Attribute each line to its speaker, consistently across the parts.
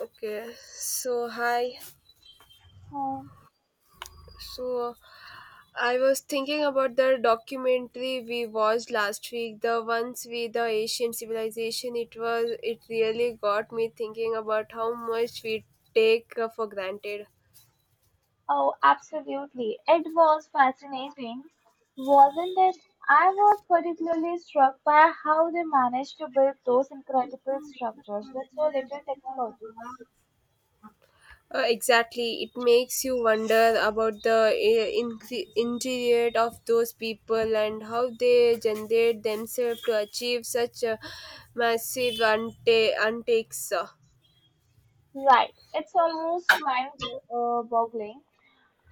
Speaker 1: Okay, so hi.
Speaker 2: Oh,
Speaker 1: So I was thinking about the documentary we watched last week, the ones with the Asian civilization. It really got me thinking about how much we take for granted.
Speaker 2: oh, absolutely. It was fascinating, wasn't it? I was particularly struck by how they managed to build those incredible structures with so little technology.
Speaker 1: Exactly, it makes you wonder about the interior of those people and how they generate themselves to achieve such a massive untakes.
Speaker 2: Right, it's almost mind-boggling.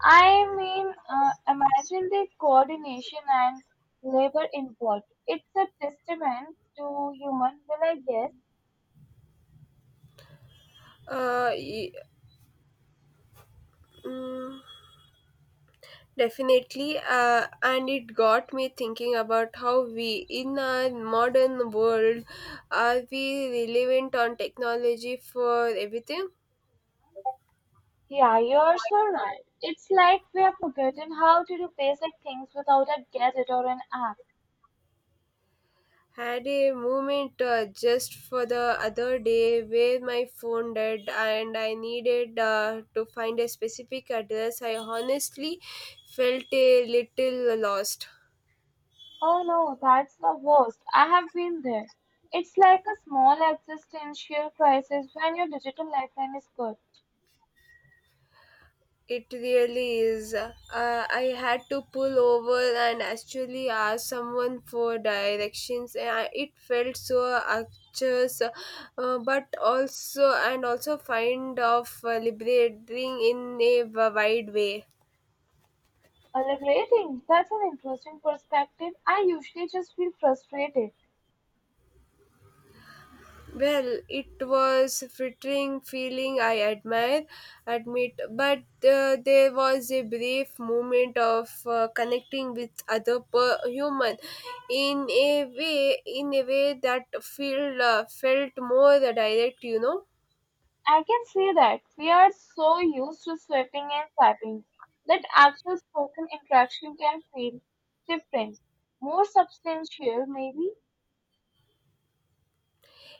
Speaker 2: I mean, imagine the coordination and labor involved. It's a testament to human will, I guess.
Speaker 1: Uh, y- mm, Definitely, and it got me thinking about how we, in our modern world, are we reliant on technology for everything?
Speaker 2: Yeah, you're so right. It's like we have forgotten how to do basic things without a gadget or an app.
Speaker 1: Had a moment just for the other day where my phone died and I needed to find a specific address. I honestly felt a little lost.
Speaker 2: Oh no, that's the worst. I have been there. It's like a small existential crisis when your digital lifeline is good.
Speaker 1: It really is. I had to pull over and actually ask someone for directions. It felt so anxious, but also and also find of liberating in a wide way.
Speaker 2: Liberating. That's an interesting perspective. I usually just feel frustrated.
Speaker 1: Well, it was flattering feeling I admire, admit, but there was a brief moment of connecting with human in a way that feel felt more direct, you know.
Speaker 2: I can see that we are so used to swiping and swiping that actual spoken interaction can feel different, more substantial, maybe.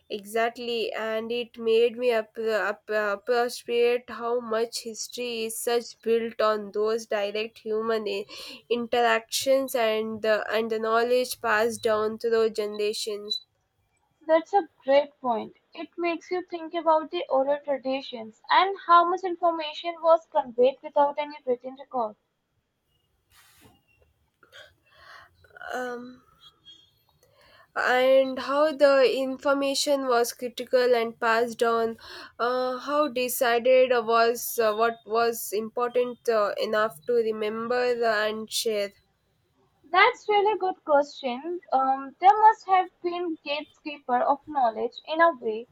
Speaker 1: Exactly, and it made me appreciate how much history is such built on those direct human interactions and the knowledge passed down through generations.
Speaker 2: That's a great point. It makes you think about the oral traditions and how much information was conveyed without any written record.
Speaker 1: Um, and how the information was critical and passed on, how decided was what was important enough to remember and share.
Speaker 2: That's really good question. There must have been gatekeeper of knowledge in a way,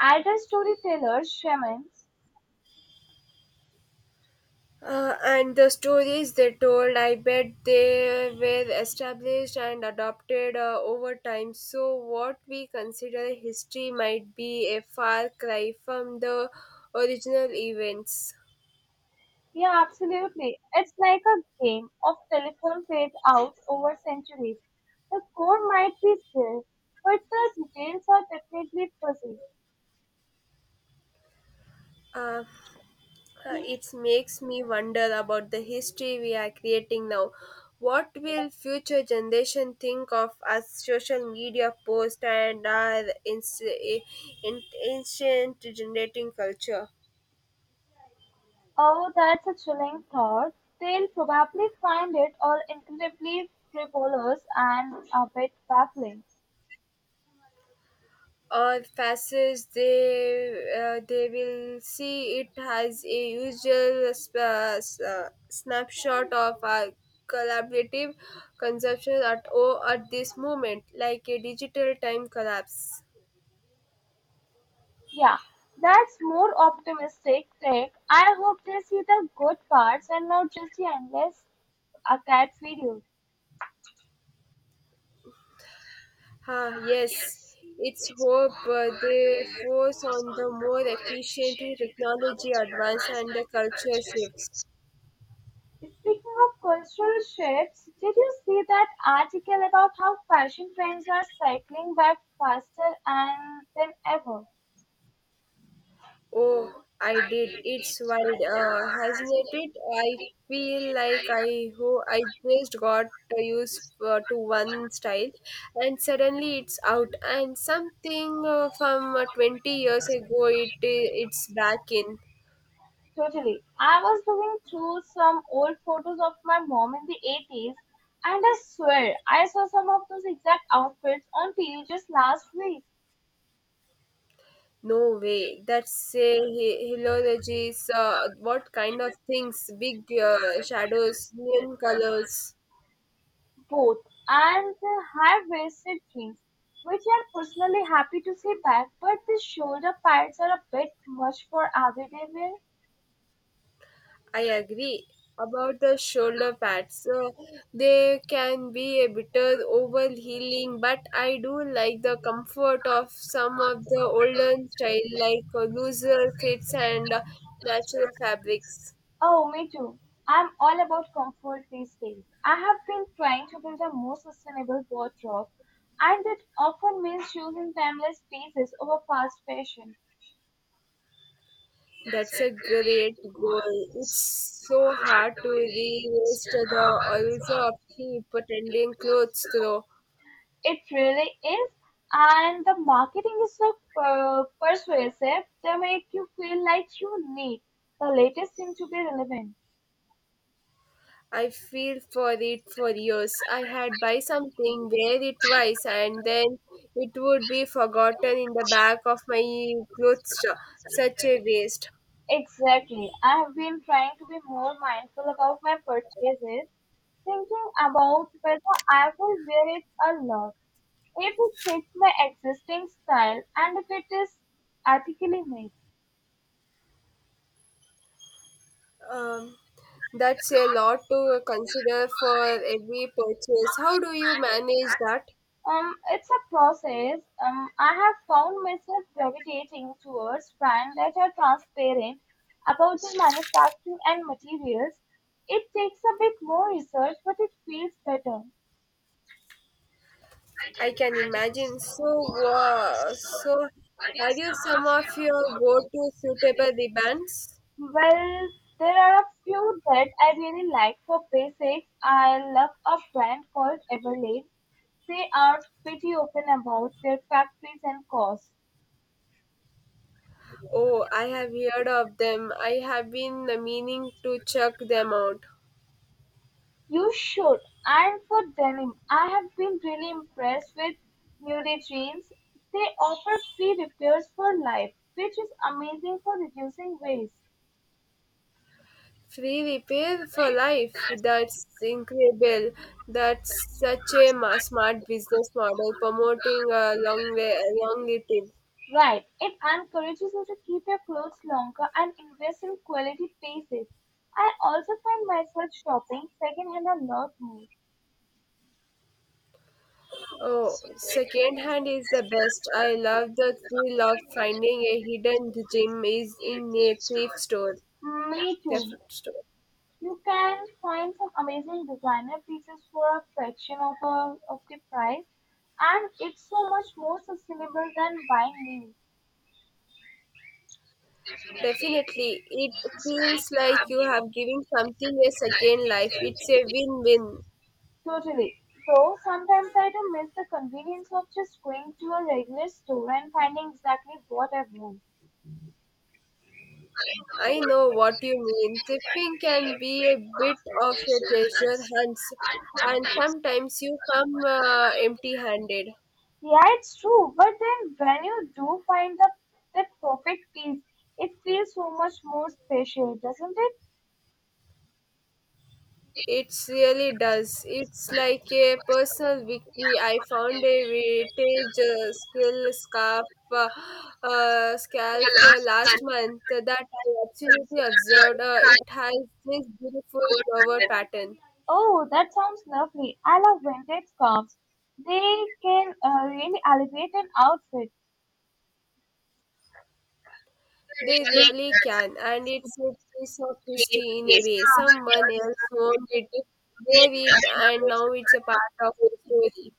Speaker 2: either storytellers, shamans.
Speaker 1: And the stories they told, I bet they were established and adopted over time. So, what we consider history might be a far cry from the original events.
Speaker 2: Yeah, absolutely. It's like a game of telephone played out over centuries. The core might be there, but the details are definitely fuzzy.
Speaker 1: Uh, it makes me wonder about the history we are creating now. What will future generation think of as social media posts and our ancient generating culture?
Speaker 2: Oh, that's a chilling thought. They'll probably find it all incredibly frivolous and a bit baffling.
Speaker 1: Or passage they will see it as a usual snapshot of our collaborative consumption at at this moment like a digital time collapse.
Speaker 2: Yeah, that's more optimistic take. I hope they see the good parts and not just the endless a cat video.
Speaker 1: Ah, yes, it's hope they force on the more efficient technology advance and the culture shifts.
Speaker 2: Speaking of cultural shifts, did you see that article about how fashion trends are cycling back faster and than ever?
Speaker 1: Oh, I did. It's wild, hasn't it? I feel like I just got used to one style, and suddenly it's out. And something from 20 years ago, it's back in.
Speaker 2: Totally. I was looking through some old photos of my mom in the 80s, and I swear I saw some of those exact outfits on TV just last week.
Speaker 1: No way. That's a helologies. What kind of things? Big shadows, neon colors.
Speaker 2: Both and the high waisted jeans, which I'm personally happy to see back, but the shoulder pads are a bit much for everyday wear.
Speaker 1: I agree about the shoulder pads. They can be a bit overhealing, but I do like the comfort of some of the older style, like looser fits and natural fabrics.
Speaker 2: Oh, me too. I'm all about comfort these days. I have been trying to build a more sustainable wardrobe, and it often means choosing timeless pieces over fast fashion.
Speaker 1: That's a great goal. It's so hard to resist the also of cheap pretending clothes, though.
Speaker 2: It really is, and the marketing is so persuasive, they make you feel like you need the latest thing to be relevant.
Speaker 1: I feel for it for years. I had buy something, wear it twice, and then it would be forgotten in the back of my clothes store. Such a waste.
Speaker 2: Exactly. I have been trying to be more mindful about my purchases, thinking about whether I will wear it or not. If it fits my existing style and if it is ethically made.
Speaker 1: Um, that's a lot to consider for every purchase. How do you manage that?
Speaker 2: It's a process. I have found myself gravitating towards brands that are transparent about the manufacturing and materials. It takes a bit more research, but it feels better.
Speaker 1: I can imagine. So, wow. so are you some of your go-to suitable ribbons?
Speaker 2: Well, there are a few that I really like. For basics, I love a brand called Everlane. They are pretty open about their factories and costs.
Speaker 1: Oh, I have heard of them. I have been meaning to check them out.
Speaker 2: You should. And for denim, I have been really impressed with Muley Jeans. They offer free repairs for life, which is amazing for reducing waste.
Speaker 1: Free repair for life. That's incredible. That's such a smart business model promoting a long way, a long lived.
Speaker 2: Right, it encourages you to keep your clothes longer and invest in quality pieces. I also find myself shopping secondhand a lot more.
Speaker 1: Oh, second hand is the best. I love the thrill of finding a hidden gem is in a thrift store.
Speaker 2: Me too.
Speaker 1: Thrift store.
Speaker 2: You can find some amazing designer pieces for a fraction of the price, and it's so much more sustainable than buying new.
Speaker 1: Definitely, it feels like you have given something a second life. It's a win-win.
Speaker 2: Totally. Though sometimes I do miss the convenience of just going to a regular store and finding exactly what I want.
Speaker 1: I know what you mean. Tipping can be a bit of a treasure hunt, and sometimes you come empty handed.
Speaker 2: Yeah, it's true, but then when you do find the perfect piece, it feels so much more special, doesn't it?
Speaker 1: It really does. It's like a personal victory. I found a vintage skill scarf. Uh, Scalp last month that I absolutely observed. It has this beautiful flower pattern.
Speaker 2: Oh, that sounds lovely. I love vintage scarves. They can really elevate an outfit.
Speaker 1: They really can, and it's a piece of history in a way. Someone else owned it, wore it, and now it's a part of the story.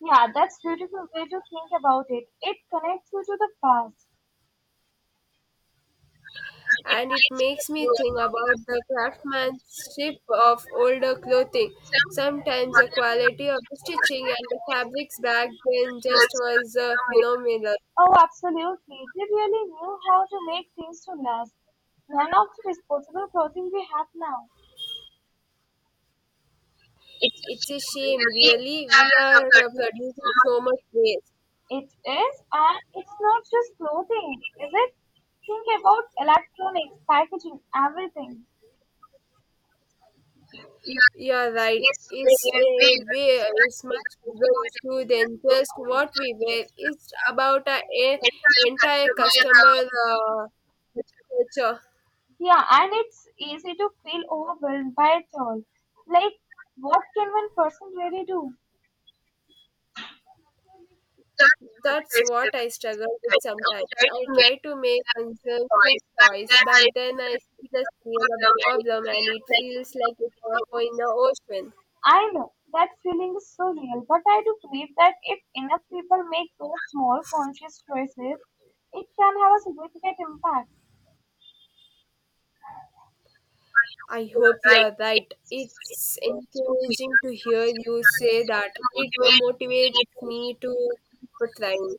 Speaker 2: Yeah, that's beautiful way to think about it. It connects you to the past.
Speaker 1: And it makes me think about the craftsmanship of older clothing. Sometimes the quality of the stitching and the fabrics back then just was phenomenal.
Speaker 2: Oh, absolutely. They really knew how to make things to last. None of the disposable clothing we have now.
Speaker 1: It's a shame, really. We are producing so much waste.
Speaker 2: It is, and it's not just clothing, is it? Think about electronics, packaging, everything.
Speaker 1: Yeah, right. It's much bigger issue than just what we wear. It's about a entire customer culture.
Speaker 2: Yeah, and it's easy to feel overwhelmed by it all. Like, what can one person really do?
Speaker 1: That's what I struggle with sometimes. I try to make consumption choice, but then I see the scale of the problem and it feels like a drop in the ocean.
Speaker 2: I know that feeling is so real, but I do believe that if enough people make those small conscious choices, it can have a significant impact.
Speaker 1: I hope you're right. It's encouraging to hear you say that. It motivates me to keep trying.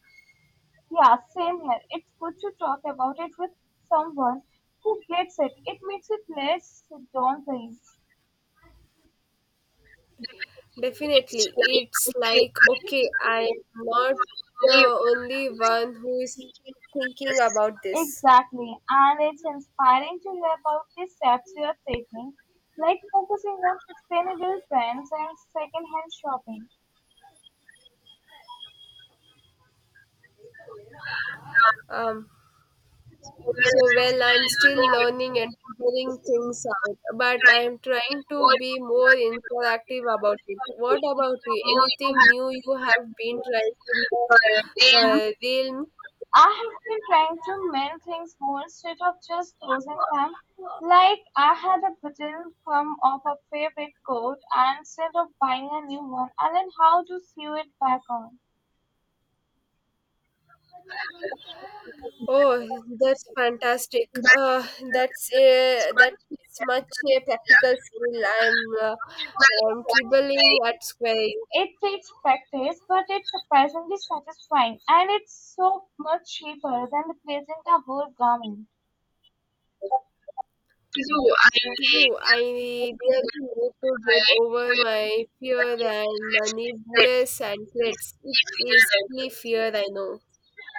Speaker 2: Yeah, same here. It's good to talk about it with someone who gets it. It makes it less daunting.
Speaker 1: Definitely. It's like, okay, I'm not the only one who is thinking about this.
Speaker 2: Exactly, and it's inspiring to hear about the steps you are taking, like focusing on sustainable trends and secondhand shopping.
Speaker 1: Um, I'm still learning and figuring things out, but I'm trying to be more interactive about it. What about you? Anything new you have been trying in the realm?
Speaker 2: I have been trying to mend things more instead of just losing them. Like I had a button come off a favorite coat, and instead of buying a new one, I learned how to sew it back on.
Speaker 1: Oh, that's fantastic. That's a that's much a practical skill. Uh, I'm dribbling at square
Speaker 2: It takes practice, but it's surprisingly satisfying, and it's so much cheaper than replacing the whole garment.
Speaker 1: two. I really need to get over my fear and needless and threats. It's a silly fear, I know.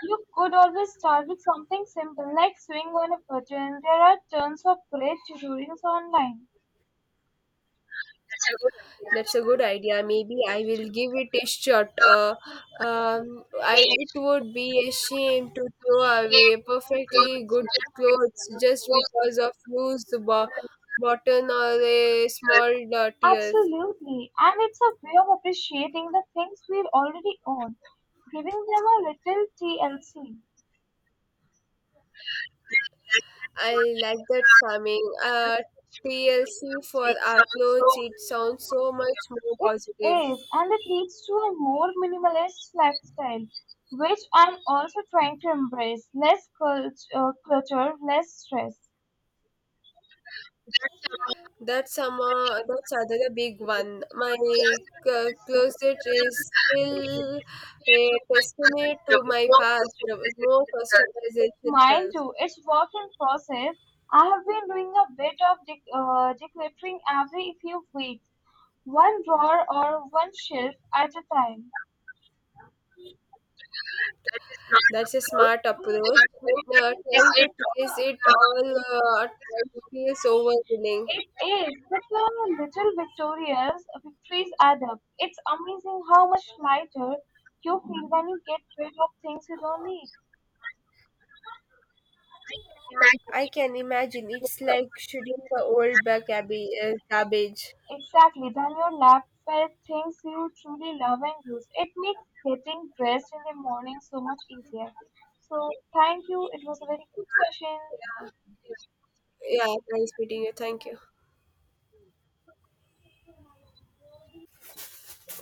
Speaker 2: You could always start with something simple like swing on a button. There are tons of great tutorials online.
Speaker 1: That's a good idea. Maybe I will give it a shot. I it would be a shame to throw away perfectly good clothes just because of loose button or a small tears.
Speaker 2: Absolutely, and it's a way of appreciating the things we already own, giving them a little TLC.
Speaker 1: I like that farming. TLC for our clothes. It sounds so much more positive.
Speaker 2: It is, and it leads to a more minimalist lifestyle, which I'm also trying to embrace. Less clutter, less stress.
Speaker 1: That's another big one. My closet is still a testament to my past. No customization
Speaker 2: Mine
Speaker 1: self.
Speaker 2: too. It's work in process. I have been doing a bit of decluttering every few weeks, one drawer or one shelf at a time.
Speaker 1: That's a smart approach. Trying to trace it all at once feels overwhelming.
Speaker 2: It is, but the little victorious victories add up. It's amazing how much lighter you feel when you get rid of things you don't need.
Speaker 1: I can imagine it's like shooting the old back abbey, cabbage.
Speaker 2: Exactly, then you're left with things you truly love and use. It makes getting dressed in the morning so much easier. So, thank you. It was a very good session.
Speaker 1: Yeah, yeah, nice meeting you. Thank you.